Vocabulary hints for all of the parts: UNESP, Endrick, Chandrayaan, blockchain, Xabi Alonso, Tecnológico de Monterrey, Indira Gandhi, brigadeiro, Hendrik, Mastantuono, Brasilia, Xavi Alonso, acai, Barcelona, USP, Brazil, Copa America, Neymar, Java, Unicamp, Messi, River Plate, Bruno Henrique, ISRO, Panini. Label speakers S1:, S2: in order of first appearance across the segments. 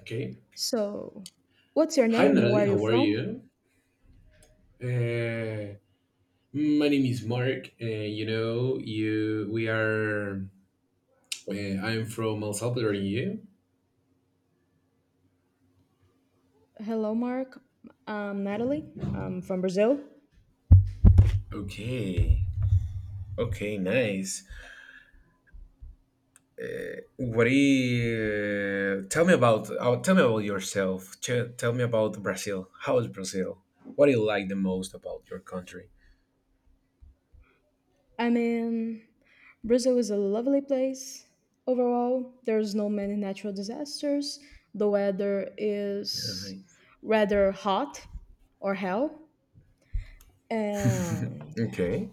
S1: Okay.
S2: So, what's your
S1: Hi,
S2: name?
S1: Natalie.
S2: Where are you
S1: How are
S2: from?
S1: you? Uh, my name is Mark. You know, you we are. I'm from El Salvador. And you?
S2: Hello, Mark. I'm Natalie. I'm from Brazil.
S1: Okay. Okay. Nice. What do you tell me about? Tell me about yourself. Tell me about Brazil. How is Brazil? What do you like the most about your country?
S2: I mean, Brazil is a lovely place overall. There's no many natural disasters. The weather
S1: Uh,
S2: is rather hot or hell. And
S1: okay.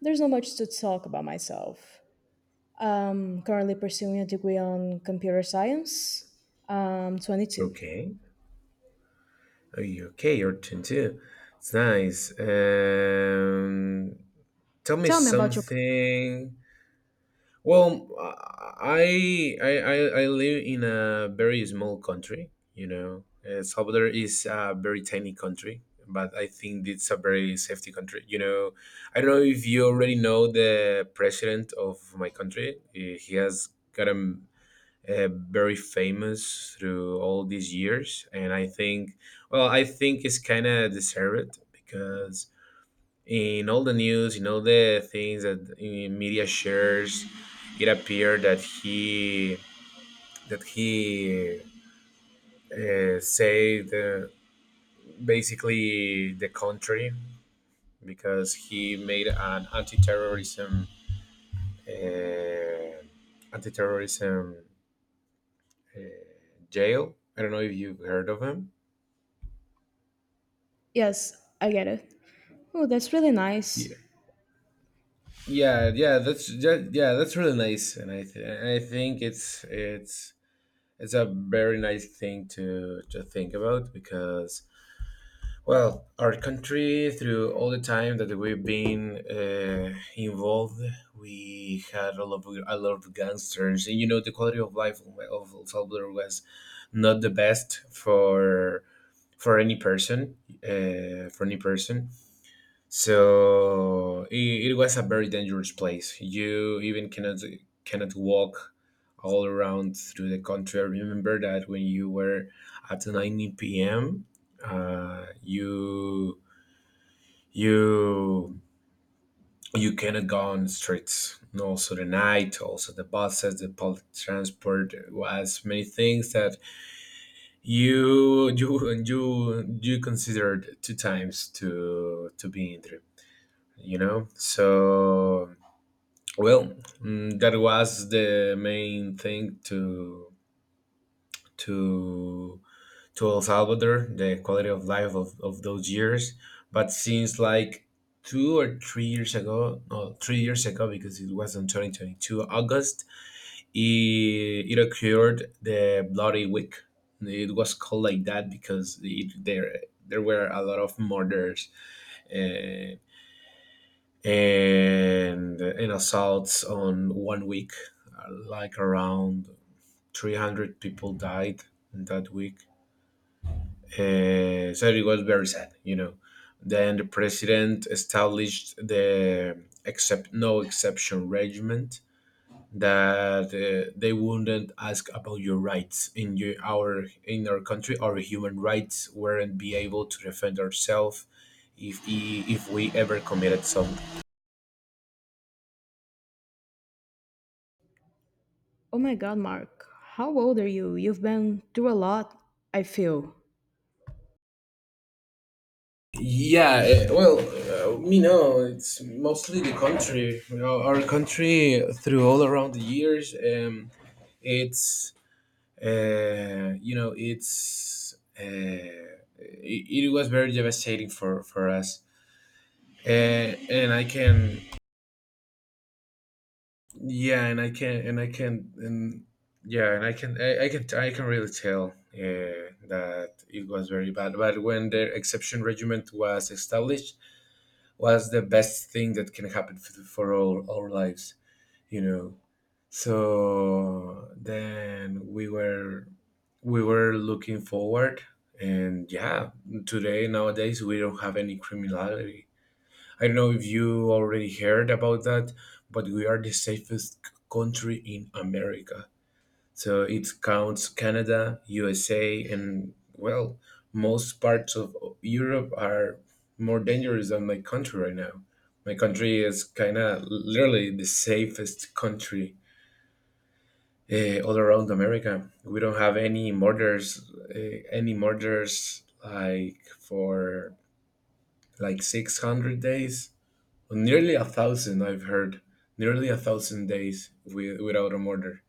S2: there's not much to talk about myself. I'm currently pursuing a degree on computer science. I'm 22.
S1: Okay. Oh, you okay? You're 22. It's nice. Tell me
S2: Tell me about your.
S1: something. Well, I I I I live in a very small country. You know, Salvador is a very tiny country, but I think it's a very safety country. You know, I don't know if you already know the president of my country. He has gotten uh, very famous through all these years, and I think, well, I think it's kind of deserved because in all the news, in all the things that media shares, it appeared that he saved basically the country because he made an uh, anti-terrorism jail. I don't know if you've heard of him.
S2: Yes, I get it. Oh, that's really nice.
S1: Yeah, yeah, yeah. Yeah, that's really nice, and I think it's a very nice thing to think about because well, our country through all the time that we've been involved, we had a lot of gangsters, and you know the quality of life of El Salvador was not the best for any person, uh, for any person. So it was a very dangerous place. You even cannot walk all around through the country. I remember that when you were at 9 p.m., uh, you you you cannot go on the streets. And also the night, also the buses, the public transport was many things that you you considered two times to be in there. You know, so well, that was the main thing to to El Salvador, the quality of life of those years. But since like 2 or 3 years ago, no, 3 years ago, because it was in 2022 August, it occurred the Bloody Week. It was called like that because it, there were a lot of murders uh, and assaults on 1 week, like around 300 people died in that week. So it was very sad, you know. Then the president established the, except, no, exception regiment that they wouldn't ask about your rights. In your, our, in our country our human rights weren't be able to defend ourselves if we ever committed some.
S2: Oh my god, Mark, how old are you? You've been through a lot, I feel.
S1: Yeah, you know, it's mostly the country. You know, our country through all around the years, it's it was very devastating for us. Uh, and I can, yeah, and I can, and I can, and yeah, and I can really tell uh, that it was very bad. But when the exception regiment was established was the best thing that can happen for all our lives, you know. So then we were looking forward, and yeah, today nowadays we don't have any criminality. I don't know if you already heard about that, but we are the safest country in America. So it counts Canada, USA, and well, most parts of Europe are more dangerous than my country right now. My country is kind of literally the safest country, all around America. We don't have any murders, like for like 600 days, nearly 1,000, I've heard. Nearly 1,000 days without a murder,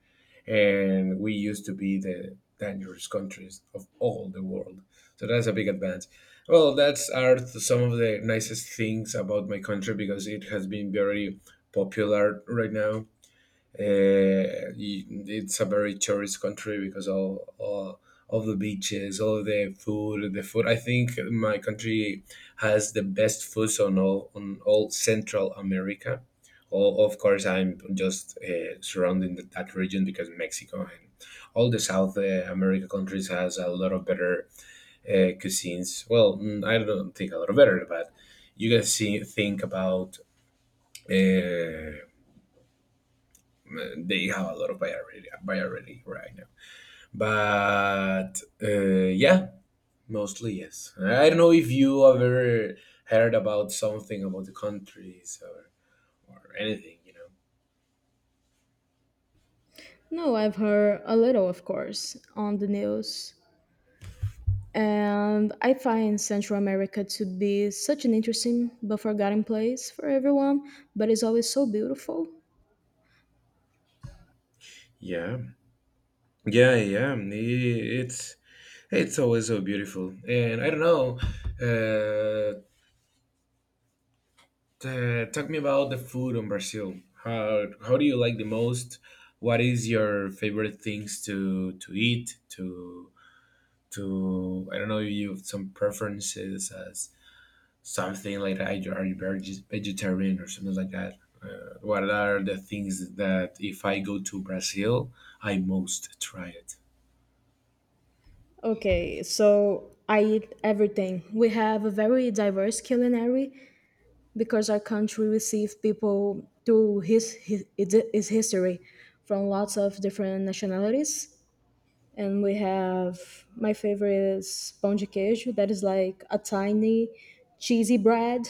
S1: and we used to be the dangerous countries of all the world. So that's a big advance. Well, that's are some of the nicest things about my country because it has been very popular right now. It's a very tourist country because all of the beaches, all of the food, the food. I think my country has the best foods on all Central America. All, of course, I'm just surrounding that region because Mexico and all the South America countries has a lot of better cuisines. Well, I don't think a lot of better, but you guys see think about. Uh, they have a lot of variety right now. But yeah, mostly yes. I don't know if you ever heard about something about the countries, or anything, you know.
S2: No, I've heard a little, of course, on the news. And I find Central America to be such an interesting but forgotten place for everyone, but it's always so beautiful.
S1: Yeah, yeah, yeah. It's always so beautiful, and I don't know. Uh, Talk me about the food in Brazil. How do you like the most? What is your favorite things to eat to I don't know, you have some preferences as something like that. Are you vegetarian or something like that? What are the things that if I go to Brazil, I most try it?
S2: Okay, so I eat everything. We have a very diverse culinary, because our country received people through his its history from lots of different nationalities. And we have my favorite is pão de queijo, that is like a tiny cheesy bread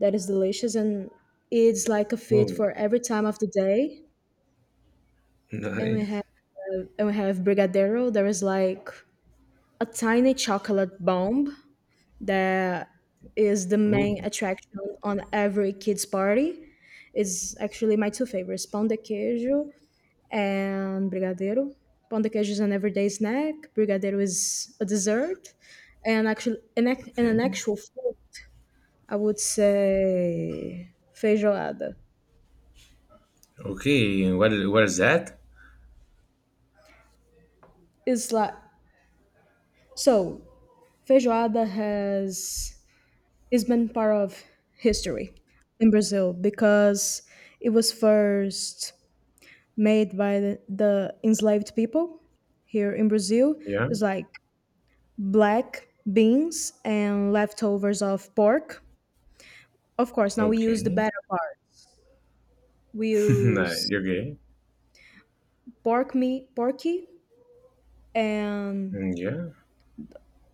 S2: that is delicious and it's like a
S1: Oh,
S2: fit for every time of the day. And we
S1: nice.
S2: have and we have brigadeiro, there is like a tiny chocolate bomb that is the
S1: Oh,
S2: main attraction on every kids party. It's actually my two favorites, pão de queijo and brigadeiro. Pão de queijo is an everyday snack. Brigadeiro is a dessert, and actually, and
S1: okay,
S2: an actual food. I would say feijoada.
S1: okay. And what is, what is that?
S2: It's like so feijoada has is been part of history in Brazil because it was first made by the enslaved people here in Brazil
S1: Yeah.
S2: is like black beans and leftovers of pork. Of course, now we use the
S1: Okay.
S2: better part. We
S1: Nice.
S2: use
S1: Okay.
S2: pork meat, porky, and
S1: Yeah.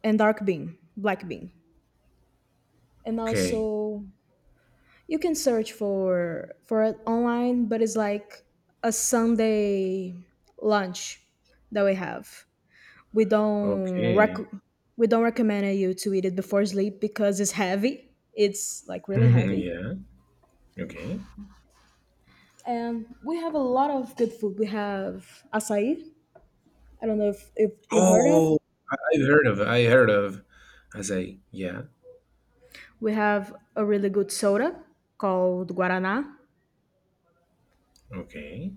S2: and dark bean, black bean. And
S1: Okay.
S2: also you can search for it online, but it's like a Sunday lunch that we have. we don't
S1: Okay.
S2: rec- we don't recommend you to eat it before sleep because it's heavy. It's like really heavy.
S1: Yeah. Okay.
S2: And we have a lot of good food. We have acai. I don't know if you heard of.
S1: Oh, I heard of. I heard of. I say, yeah.
S2: We have a really good soda called Guaraná.
S1: Okay.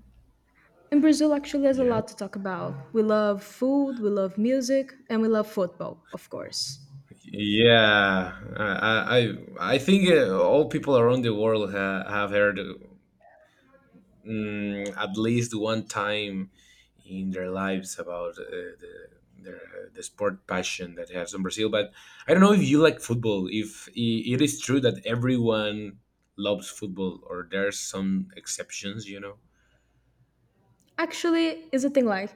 S2: In Brazil, actually, there's a
S1: Yeah,
S2: lot to talk about. We love food, we love music, and we love football, of course.
S1: yeah. I think all people around the world ha have heard, at least one time in their lives, about the their, the sport passion that they have in Brazil. But I don't know if you like football. If I- It is true that everyone loves football, or there's some exceptions, you know.
S2: Actually, is a thing like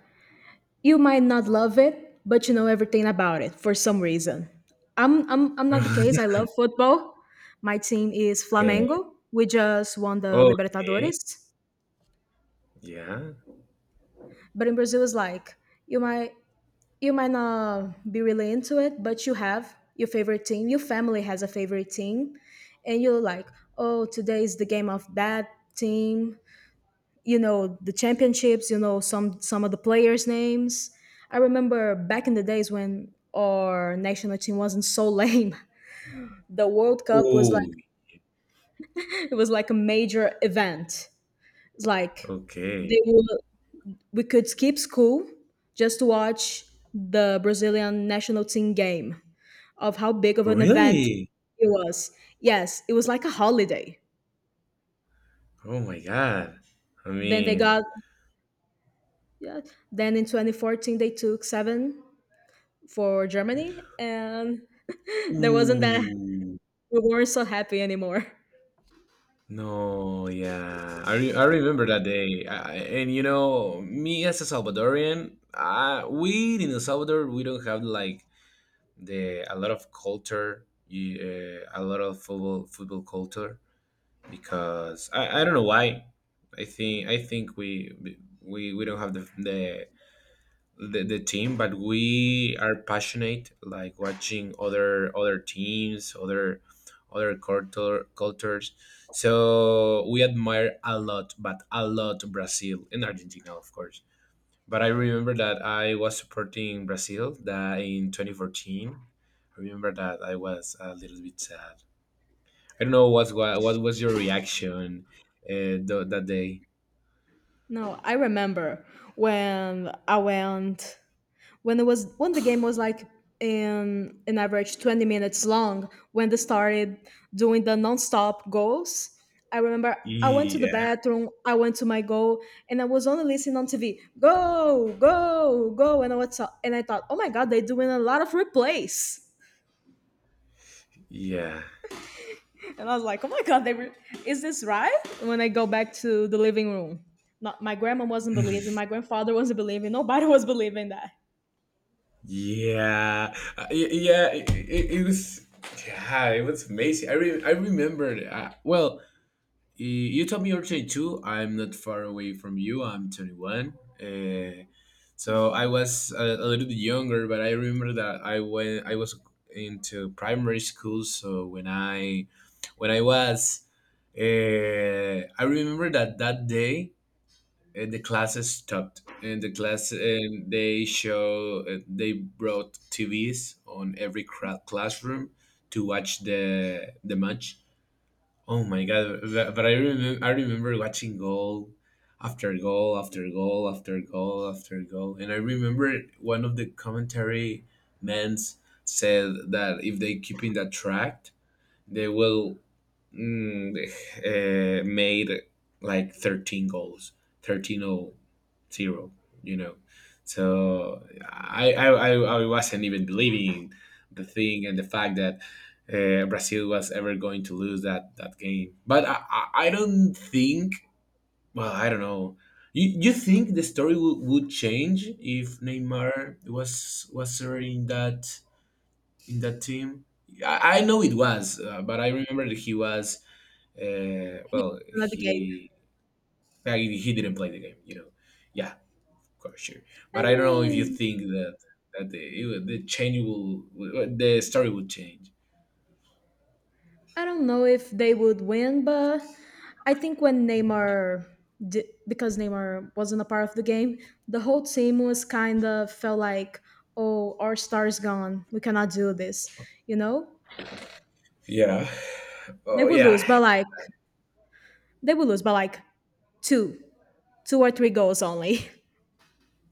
S2: you might not love it, but you know everything about it for some reason. I'm not the case. I love football. My team is
S1: Okay.
S2: Flamengo. We just won the
S1: Okay.
S2: Libertadores.
S1: Yeah.
S2: But in Brazil it's like you might you might not be really into it, but you have your favorite team. Your family has a favorite team and you're like, "Oh, today is the game of that team." You know the championships. You know some of the players names. I remember back in the days when our national team wasn't so lame. The world cup was
S1: Oh.
S2: like a major event. It's like they
S1: Okay.
S2: would we could skip school just to watch the Brazilian national team game of how big of an event
S1: Really?
S2: it was. Yes, it was like a holiday.
S1: Oh my God. I
S2: Then they
S1: mean,
S2: got Yeah, then in 2014 they took seven for Germany. And there wasn't that
S1: ooh.
S2: we weren't so happy anymore.
S1: No, yeah. I remember that day. And you know, me as a Salvadorian, we in El Salvador, we don't have like the a lot of culture, a lot of football culture because I don't know why. I think we don't have the team, but we are passionate like watching other teams, cultures. So we admire a lot, but a lot, Brazil and Argentina, of course. But I remember that I was supporting Brazil that in 2014. I remember that I was a little bit sad. I don't know what was your reaction that day.
S2: No, I remember when I went when it was when the game was like in an average 20 minutes long when they started doing the non-stop goals. I remember I went to the
S1: Yeah.
S2: bathroom, I went to my goal, and I was only listening on TV. Go, go, go, and and I thought, oh my god, they're doing a lot of replays.
S1: Yeah.
S2: And I was like, oh my God, is this right? When I go back to the living room, not, my grandma wasn't believing, my grandfather wasn't believing, nobody was believing that.
S1: Yeah, yeah, it was, yeah, it was amazing. I remembered. You told me you're 22. I'm not far away from you. I'm 21. So I was a little bit younger, but I remember that I went. I was into primary school. So when I was, I remember that that day and the classes stopped and the class and they show, they brought TVs on every classroom to watch the match. Oh my god! But I remember watching goal after goal after goal after goal after goal, and I remember one of the commentary men's said that if they keep in that track, they will, mm, made like 13 goals, 13 o zero. You know, so I wasn't even believing the thing and the fact that Brazil was ever going to lose that game. But I don't think, well, I don't know, you think the story would change if Neymar was already in that team. I know it was, but I remember that he was
S2: He
S1: well,
S2: opened at the gate.
S1: he I mean, he didn't play the game, you know. Yeah, of course, sure. But
S2: I
S1: I don't know if you
S2: mean,
S1: think that the change will, the story would change.
S2: I don't know if they would win, but I think because Neymar wasn't a part of the game, the whole team was kind of felt like, oh, our star's gone. We cannot do this. You know?
S1: Yeah.
S2: They
S1: Oh
S2: would lose,
S1: yeah.
S2: by like two, two or three goals only.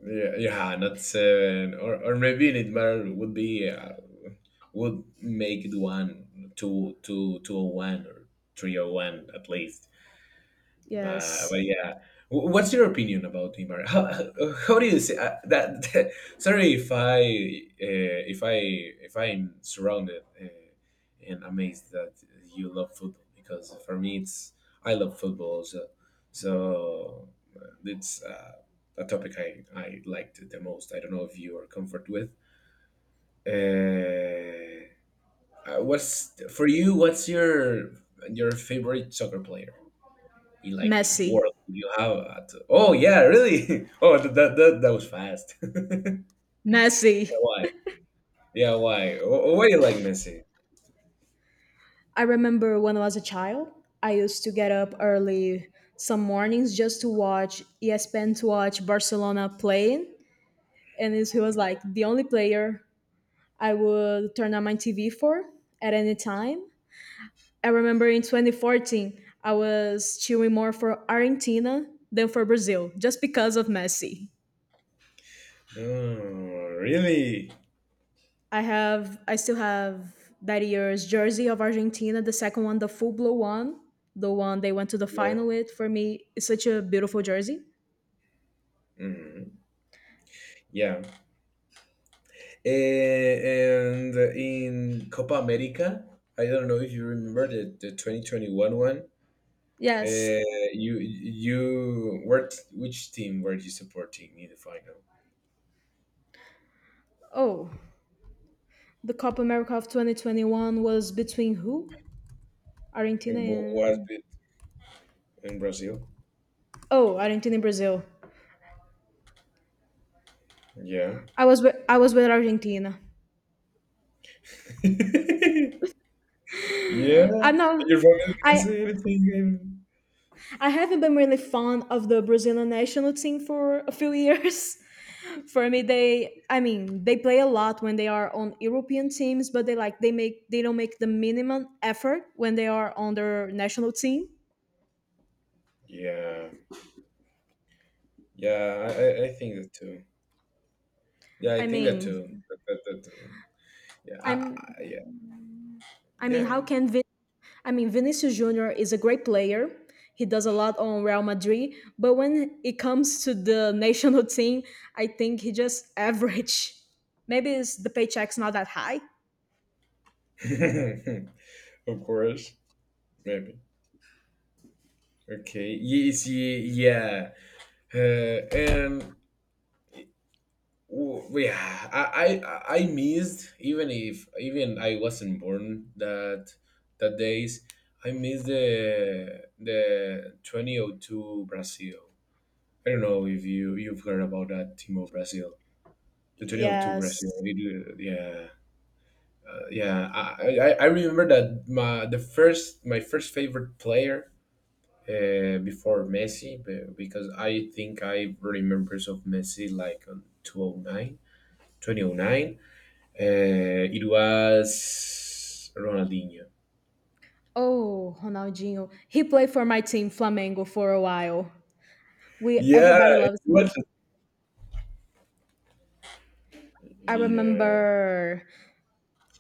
S1: Yeah, yeah, not seven, or maybe Nidmar would be would make it one, two, two oh one, or three oh one at least. But
S2: Yes.
S1: yeah, what's your opinion about the, how, how do you say that? Sorry if I, if I'm surrounded, and amazed that you love football, because for me it's, I love football, so so it's a topic I liked the most. I don't know if you are comfort with. Uh, what's for you? What's your favorite soccer player? In, like in the
S2: Messy.
S1: world you have at, oh yeah, really? Oh that that was fast. Yeah,
S2: Messy.
S1: why? Oh, why you like Messi?
S2: I remember when I was a child, I used to get up early some mornings just to watch ESPN to watch Barcelona playing. He was like the only player I would turn on my TV for at any time. I remember in 2014, I was cheering more for Argentina than for Brazil just because of Messi.
S1: Oh, really?
S2: I still have that year's jersey of Argentina, the second one, the full blue one, the one they went to the
S1: Yeah.
S2: final with. For me, it's such a beautiful jersey.
S1: Mhm. Yeah. And in Copa America, I don't know if you remember the 2021 one.
S2: Yes.
S1: You were, which team were you supporting in the final?
S2: Oh, the Copa America of 2021 was between who?
S1: Who
S2: Argentina
S1: was
S2: and
S1: it in Brazil?
S2: Oh, Argentina and Brazil.
S1: Yeah.
S2: I was with Argentina.
S1: Yeah,
S2: I'm not.
S1: and your family can
S2: I
S1: say anything. And...
S2: I haven't been really fond of the Brazilian national team for a few years. For me they, I mean, they play a lot when they are on European teams, but they don't make the minimum effort when they are on their national team.
S1: Yeah, yeah, I I think that too. Yeah, I
S2: i
S1: think that
S2: mean
S1: too. That too. Yeah,
S2: i'm
S1: yeah,
S2: i mean
S1: yeah.
S2: Vinicius Junior is a great player. He does a lot on Real Madrid, but when it comes to the national team, I think he just average. Maybe it's the paycheck's not that high.
S1: Yeah. Of course, maybe. Okay. Yes. Yeah. And I missed, even if even I wasn't born that days. I missed the 2002 Brazil. I don't know if you've heard about that Timo Brazil, the 2002 Brazil.
S2: Yes.
S1: It, yeah, yeah. I remember that my first favorite player before Messi because I think I remember of Messi like on 2009, 2009. It was Ronaldinho.
S2: Oh, Ronaldinho, he played for my team Flamengo for a while. We
S1: Yeah,
S2: everybody
S1: it
S2: loves
S1: was.
S2: him. I
S1: Yeah.
S2: remember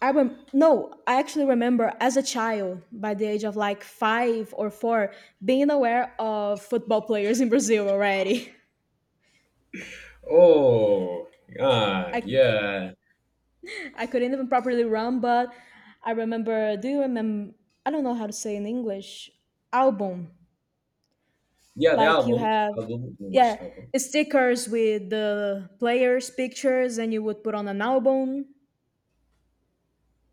S2: no, I actually remember as a child by the age of like 5 or 4 being aware of football players in Brazil already.
S1: Oh, ah,
S2: I
S1: yeah,
S2: I couldn't even properly run, but I remember do you remember, I don't know how to say in English, album.
S1: yeah. The
S2: Like you
S1: album,
S2: have,
S1: album,
S2: yeah,
S1: English album.
S2: stickers with the players pictures and you would put on an album.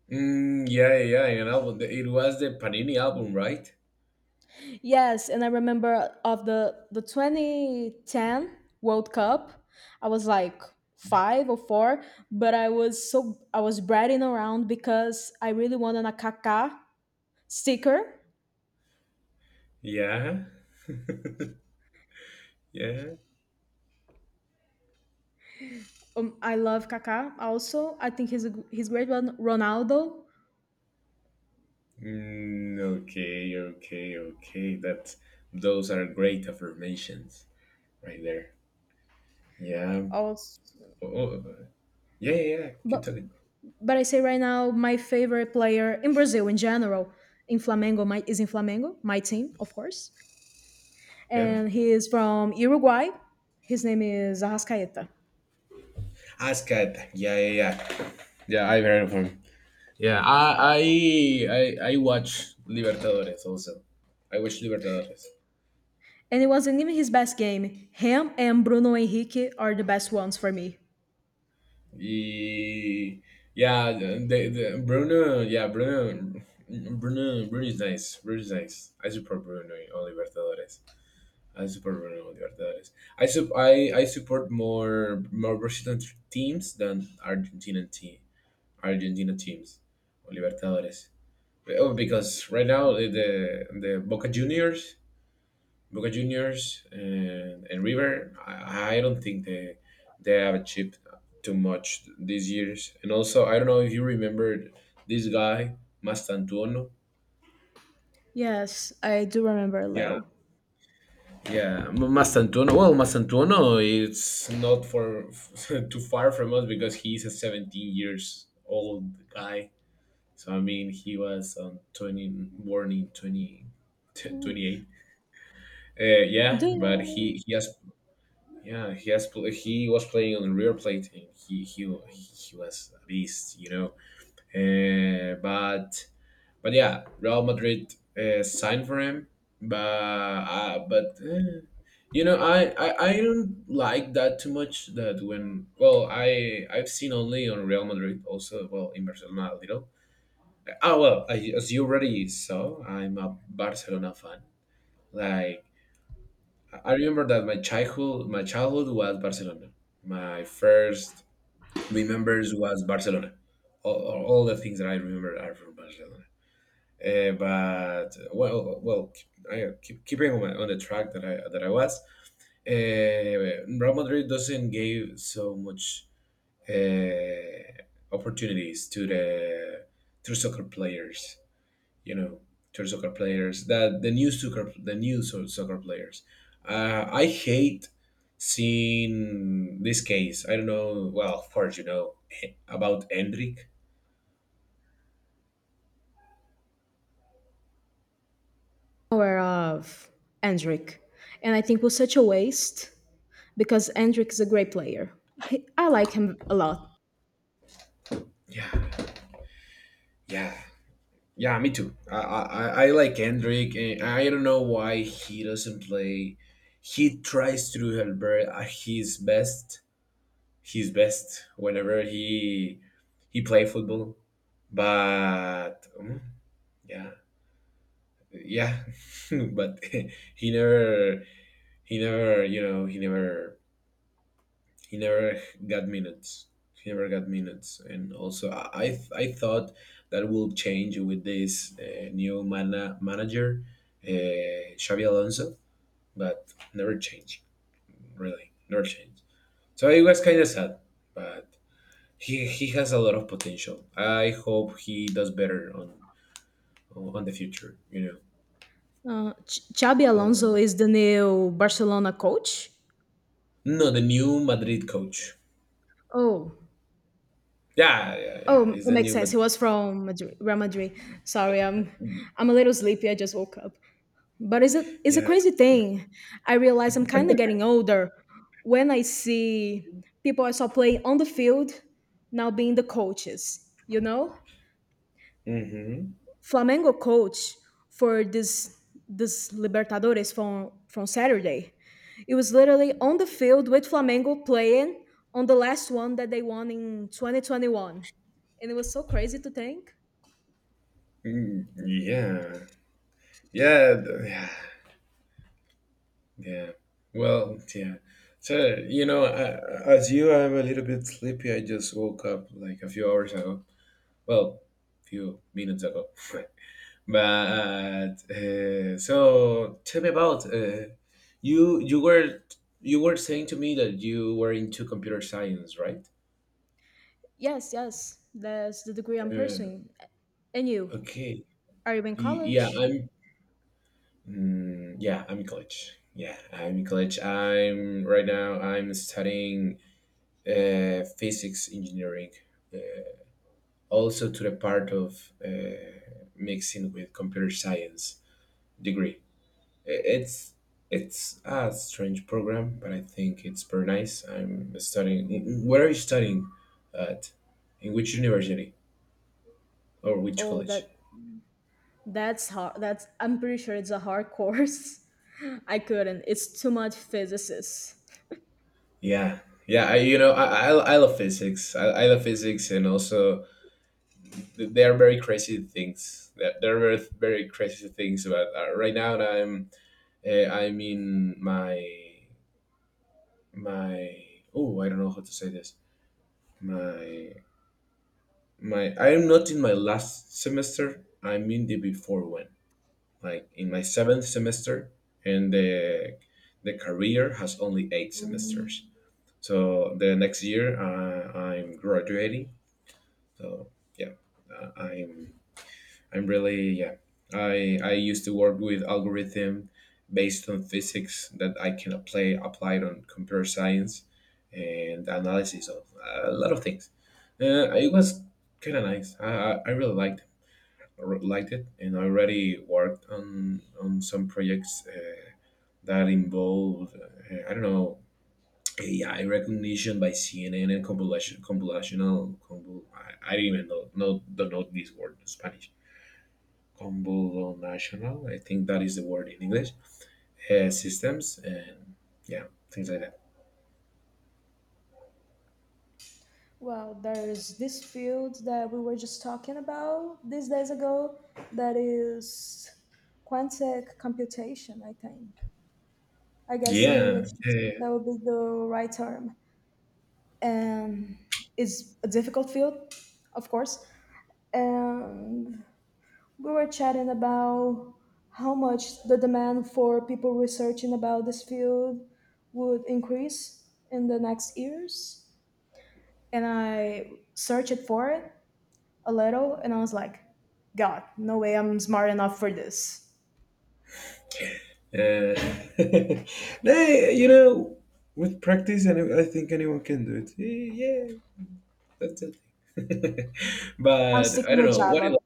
S1: Mm, yeah, yeah, an album. It was the Panini album, right?
S2: Yes, and I remember of the 2010 World Cup. I was like five or four, but I was bragging around because I really wanted a Kaká sticker.
S1: Yeah. Yeah.
S2: I love Kaká also. I think he's great. One Ronaldo
S1: Mm, okay, okay, okay. That those are great affirmations right there. Yeah.
S2: also,
S1: Oh, oh, yeah, yeah, yeah. Keep
S2: but
S1: talking.
S2: but I say right now my favorite player in Brazil in general, is in Flamengo, my team of course,
S1: Yeah.
S2: and he is from Uruguay. His name is Arrascaeta.
S1: Askat. Yeah, yeah, yeah. Yeah, I've heard of him. Yeah, I watch Libertadores also. I watch Libertadores.
S2: And it wasn't even his best game. Him and Bruno Henrique are the best ones for me.
S1: He, yeah, the- Bruno, yeah, Bruno, Bruno, Bruno is nice. Bruno is nice. I support Bruno in on Libertadores. I support Bruno in on Libertadores. I support more Brazilian teams than Argentina teams on Libertadores. Oh, because right now the Boca Juniors and River, I don't think they have achieved too much these years. And also, I don't know if you remembered this guy Mastantuono.
S2: Yes, I do remember a
S1: Yeah,
S2: little.
S1: yeah, Mastantuono. Well, Mastantuono, it's not for too far from us because he's a 17 years old guy. So I mean, he was 20, born in 20 28. Uh,
S2: Do
S1: yeah, but
S2: you
S1: he he has Yeah, he has he was playing on the River Plate and he was a beast, you know. Uh, but but yeah, Real Madrid signed for him, but you know, I don't like that too much. That when, well, I I've seen only on Real Madrid also, well, in Barcelona a little. Ah, well, I, as you already saw, I'm a Barcelona fan. Like, I remember that my childhood was Barcelona. My first remembers was Barcelona. All the things that I remember are from Barcelona. Uh, but well, well, I keep keeping on, my, on the track that I was. Real Madrid doesn't give so much uh, opportunities to the to soccer players, you know, to soccer players. That the new soccer the new so- soccer players. I hate seeing this case. I don't know. Well, of course you know about Hendrik.
S2: aware of Endrick? And I think it was such a waste because Endrick is a great player. He, I like him a lot.
S1: Yeah, yeah, yeah. Me too. I like Hendrik, and I don't know why he doesn't play. He tries to do Albert at his best. His best whenever he play football, but mm, yeah yeah but he never he never you know he never got minutes. He never got minutes. And also, I thought that will change with this new manager, Xavi Alonso. But never changed. Really never changed. So it was kind of sad, but he has a lot of potential. I hope he does better on the future.
S2: Xabi
S1: so,
S2: Alonso is the new Barcelona coach.
S1: no, the new Madrid coach.
S2: Oh,
S1: Yeah, yeah, yeah.
S2: oh, it
S1: It's a
S2: makes
S1: new
S2: sense.
S1: Madrid.
S2: He was from Madrid, Real Madrid. Sorry, I'm a little sleepy. I just woke up. But it's a
S1: Yeah.
S2: crazy thing. I realize I'm kind of getting older when I see people I saw playing on the field now being the coaches.
S1: Mm-hmm.
S2: Flamengo coach for this Libertadores from Saturday. It was literally on the field with Flamengo playing on the last one that they won in 2021, and it was so crazy to think.
S1: Mm, yeah. Yeah. Yeah. Yeah. Well, yeah. So, you know, I, as you, I'm a little bit sleepy. I just woke up like a few hours ago. Well, few minutes ago. But so tell me about, you you were you were saying to me that you were into computer science, right?
S2: Yes, yes, that's the degree I'm
S1: Uh,
S2: pursuing. And you,
S1: okay.
S2: are you in
S1: Yeah,
S2: college?
S1: I'm in college. Yeah, I'm in college. I'm right now. I'm studying physics engineering, uh, also to the part of mixing with computer science degree. I- It's it's a strange program, but I think it's very nice. I'm studying. Where are you studying at? In which university or which
S2: Oh,
S1: college?
S2: that's hard. That's I'm pretty sure it's a hard course. I couldn't. It's too much physicists.
S1: Yeah, yeah. I, you know, I love physics. I love physics, and also they are very crazy things. There are very, very crazy things. But right now, I'm in my my oh, I don't know how to say this. My my I am not in my last semester. I'm in the before one, like in my seventh semester, and the career has only 8 semesters. So the next year, I'm graduating. So yeah, uh, I'm I'm really yeah. I used to work with algorithm based on physics that I can apply applied on computer science and analysis of a lot of things. It was kind of nice. I really liked it. I liked it, and I already worked on some projects that involved, I don't know, AI recognition by CNN, and compilation computational I don't even know no don't know this word in Spanish. Combo national, I think that is the word in English, systems, and yeah, things like that.
S2: Well, there's this field that we were just talking about these days ago that is quantic computation, I think. I guess in
S1: Yeah,
S2: English
S1: yeah,
S2: that would be the right term. And it's a difficult field, of course. And we were chatting about how much the demand for people researching about this field would increase in the next years. And I searched for it a little and I was like, God, no way I'm smart enough for this.
S1: yeah. Nah, you know, with practice, and I think anyone can do it. Yeah, that's it.
S2: I'm
S1: But I
S2: sticking
S1: don't
S2: with
S1: know. What do
S2: Java.
S1: you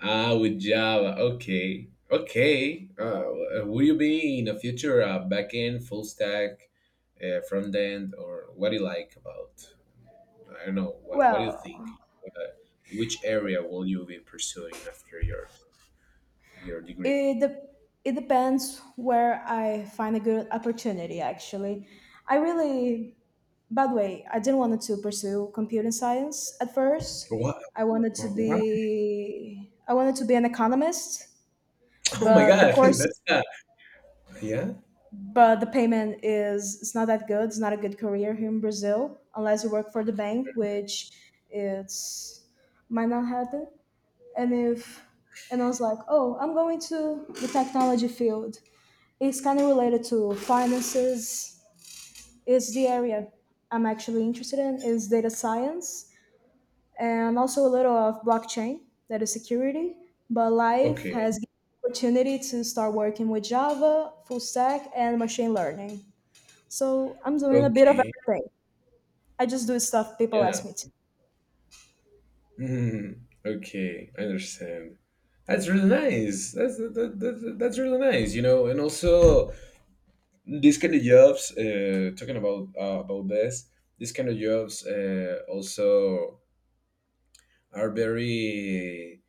S1: like? Ah, with Java. Okay, okay. Will you be in the future a backend, full stack, front end, or what do you like about? I don't know. What do you
S2: Well,
S1: think? Uh, which area will you be pursuing after your degree?
S2: it, de- it depends where I find a good opportunity, actually. I really By the way, I didn't want to pursue computer science at first.
S1: What? What?
S2: I wanted to be an economist,
S1: Oh my
S2: but the
S1: God!
S2: course
S1: That's not. Yeah.
S2: but the payment is it's not that good. It's not a good career here in Brazil unless you work for the bank, which it's might not happen. And if and I was like, oh, I'm going to the technology field. It's kind of related to finances. Is the area I'm actually interested in is data science and also a little of blockchain, that is security. But life
S1: Okay.
S2: has given me opportunity to start working with Java, full stack, and machine learning. So I'm doing a bit of
S1: Okay.
S2: everything. I just do stuff people
S1: Yeah.
S2: ask me to.
S1: Mm, okay. I understand. That's really nice. That's that, that, that, that's really nice. You know, and also these kind of jobs. Talking about this, these kind of jobs also are very,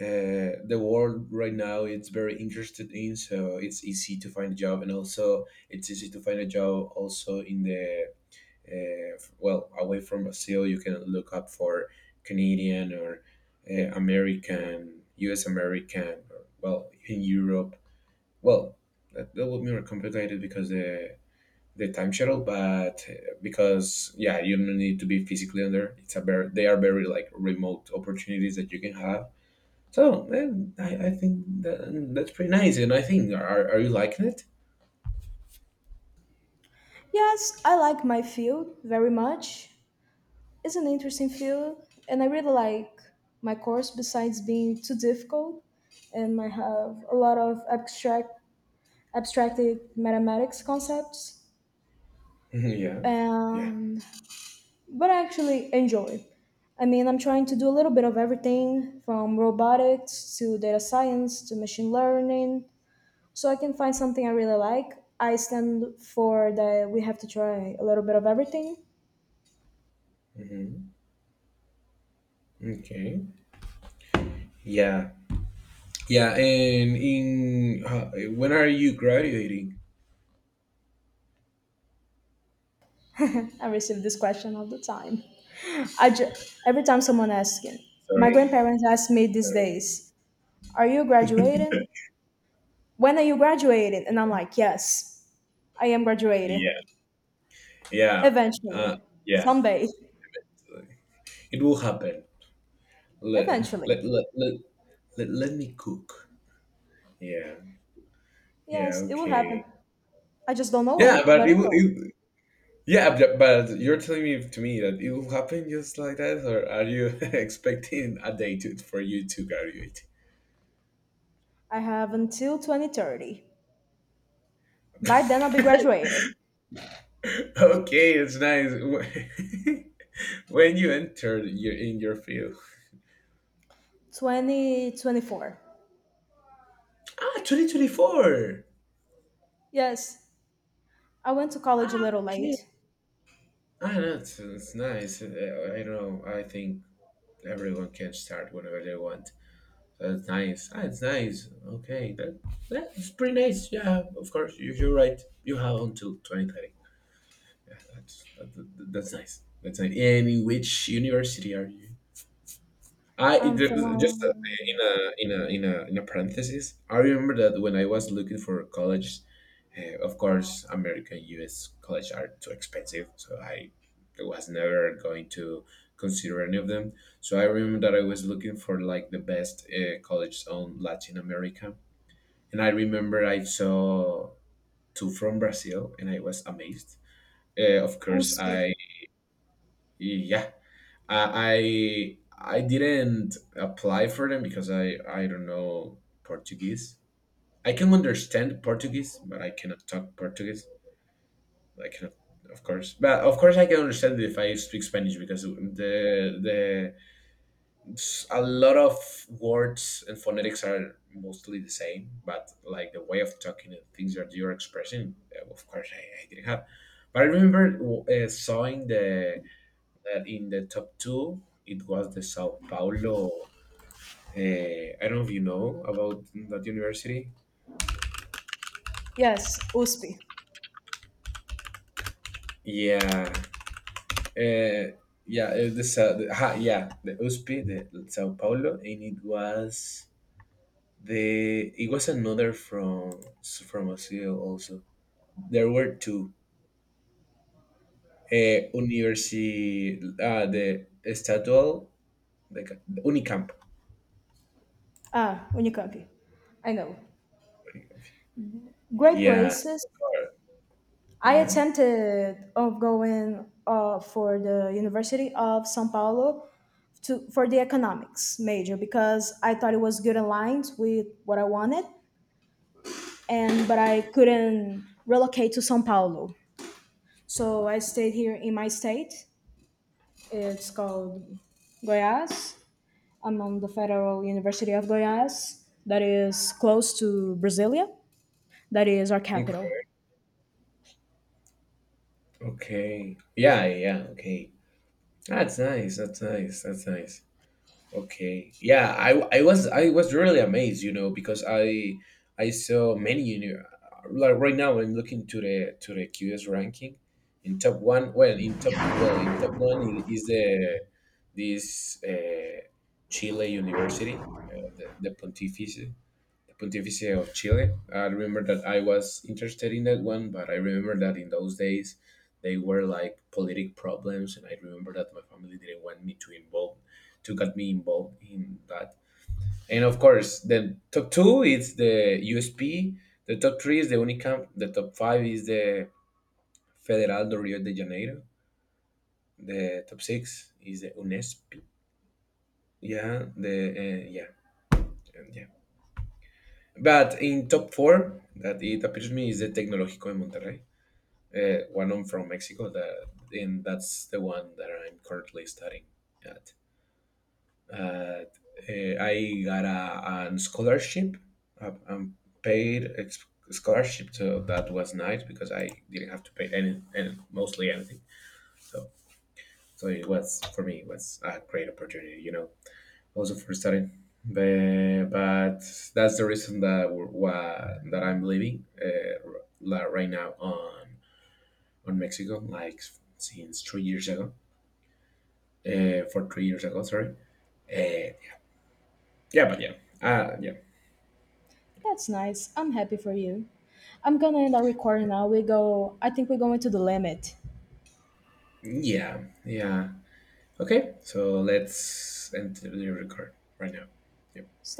S1: the world right now it's very interested in. So it's easy to find a job, and also it's easy to find a job also in the, well, away from Brazil. You can look up for Canadian or, American, US American, or, well, in Europe. Well, that, that would be more complicated because the time shuttle. But because yeah, you don't need to be physically on there. It's a very, they are very like remote opportunities that you can have. So man, I think that, that's pretty nice, and I think, are you liking it?
S2: Yes, I like my field very much. It's an interesting field, and I really like my course. Besides being too difficult, and I have a lot of abstracted mathematics concepts,
S1: Yeah, yeah.
S2: and but I actually enjoy. I mean, I'm trying to do a little bit of everything from robotics to data science to machine learning, so I can find something I really like. I stand for that we have to try a little bit of everything.
S1: Hmm. Okay. Yeah, yeah. And in, when are you graduating?
S2: I receive this question all the time. I ju- every time someone asks it, my
S1: Sorry.
S2: grandparents ask me these
S1: Sorry.
S2: days, "Are you graduating? When are you graduating?" And I'm like, "Yes, I am
S1: Yeah,
S2: graduating
S1: yeah, uh,
S2: eventually,
S1: yeah.
S2: someday,
S1: It will happen. Let
S2: eventually."
S1: let let let, let me cook. Yeah, yeah.
S2: Yes, it will happen.
S1: Okay.
S2: I just don't know
S1: Yeah,
S2: when,
S1: but
S2: but
S1: it,
S2: it
S1: will-
S2: will.
S1: it Yeah, but you're telling me to me that it will happen just like that, or are you expecting a day to, for you to graduate?
S2: I have until 2030. By then, I'll be graduated.
S1: Okay, it's nice. When you entered your in your field,
S2: 2024.
S1: ah, 2024.
S2: Yes, I went to college a
S1: Ah,
S2: little
S1: okay.
S2: late.
S1: Ah, that's it's nice. I don't know. I think everyone can start whenever they want. That's nice. Ah, it's nice. Okay, that's pretty nice. Yeah, of course. You, you're right. You have until 2030. Yeah, that's nice. That's nice. And in which university are you? I
S2: I'm
S1: it- just
S2: from
S1: in a in a in a parenthesis. I remember that when I was looking for college, of course, American U.S. college are too expensive, so I was never going to consider any of them. So I remember that I was looking for like the best college on Latin America, and I remember I saw 2 from Brazil, and I was amazed. Of course,
S2: USP.
S1: I yeah I didn't apply for them because I don't know Portuguese. I can understand Portuguese, but I cannot talk Portuguese. I cannot, of course, but of course I can understand it if I speak Spanish, because the a lot of words and phonetics are mostly the same, but like the way of talking and things that you're expressing, of course I didn't have. But I remember sawing the that in the top two, it was the Sao Paulo. I don't know if you know about that university.
S2: Yes, USP.
S1: Yeah, uh, yeah, the, Sa- the ha, yeah, the USP, the Sao Paulo, and it was the it was another from Brazil also. There were two. The Estadual, the Unicamp.
S2: Ah, Unicamp. I know. Great
S1: Yeah.
S2: places. I
S1: Yeah.
S2: attempted of going for the University of São Paulo to for the economics major because I thought it was good aligned with what I wanted. And but I couldn't relocate to São Paulo. So I stayed here in my state. It's called Goiás. I'm on the Federal University of Goiás, that is close to Brasilia, that is our
S1: Okay.
S2: capital.
S1: Okay. Yeah, yeah, okay. That's nice. That's nice. That's nice. Okay. Yeah, I was I was really amazed, you know, because I saw many you, like right now I'm looking to the QS ranking in top one. Well, in top, well, in top one is the this, Chile University, the Pontificia. Pontificia of Chile. I remember that I was interested in that one, but I remember that in those days they were like politic problems, and I remember that my family didn't want me to involve to get me involved in that. And of course, the top two is the USP, the top three is the Unicamp, the top five is the Federal do Rio de Janeiro, the top six is the UNESP. Yeah, the yeah, and yeah. But in top four, that it appears to me is the Tecnológico de Monterrey. One, I'm from Mexico, that, and that's the one that I'm currently studying at. Uh, I got a scholarship, a paid scholarship, so that was nice because I didn't have to pay any, mostly anything. So, so it was, for me it was a great opportunity, you know, also for studying. But that's the reason that we're, why, that I'm leaving like right now on Mexico, like since 3 years ago, for 3 years ago, sorry. Uh, yeah, but yeah, uh, yeah,
S2: That's nice. I'm happy for you. I'm gonna end our recording now. We go. I think we're going to the limit.
S1: yeah, yeah. Okay, so let's end the record right now. Yep.
S2: Stop.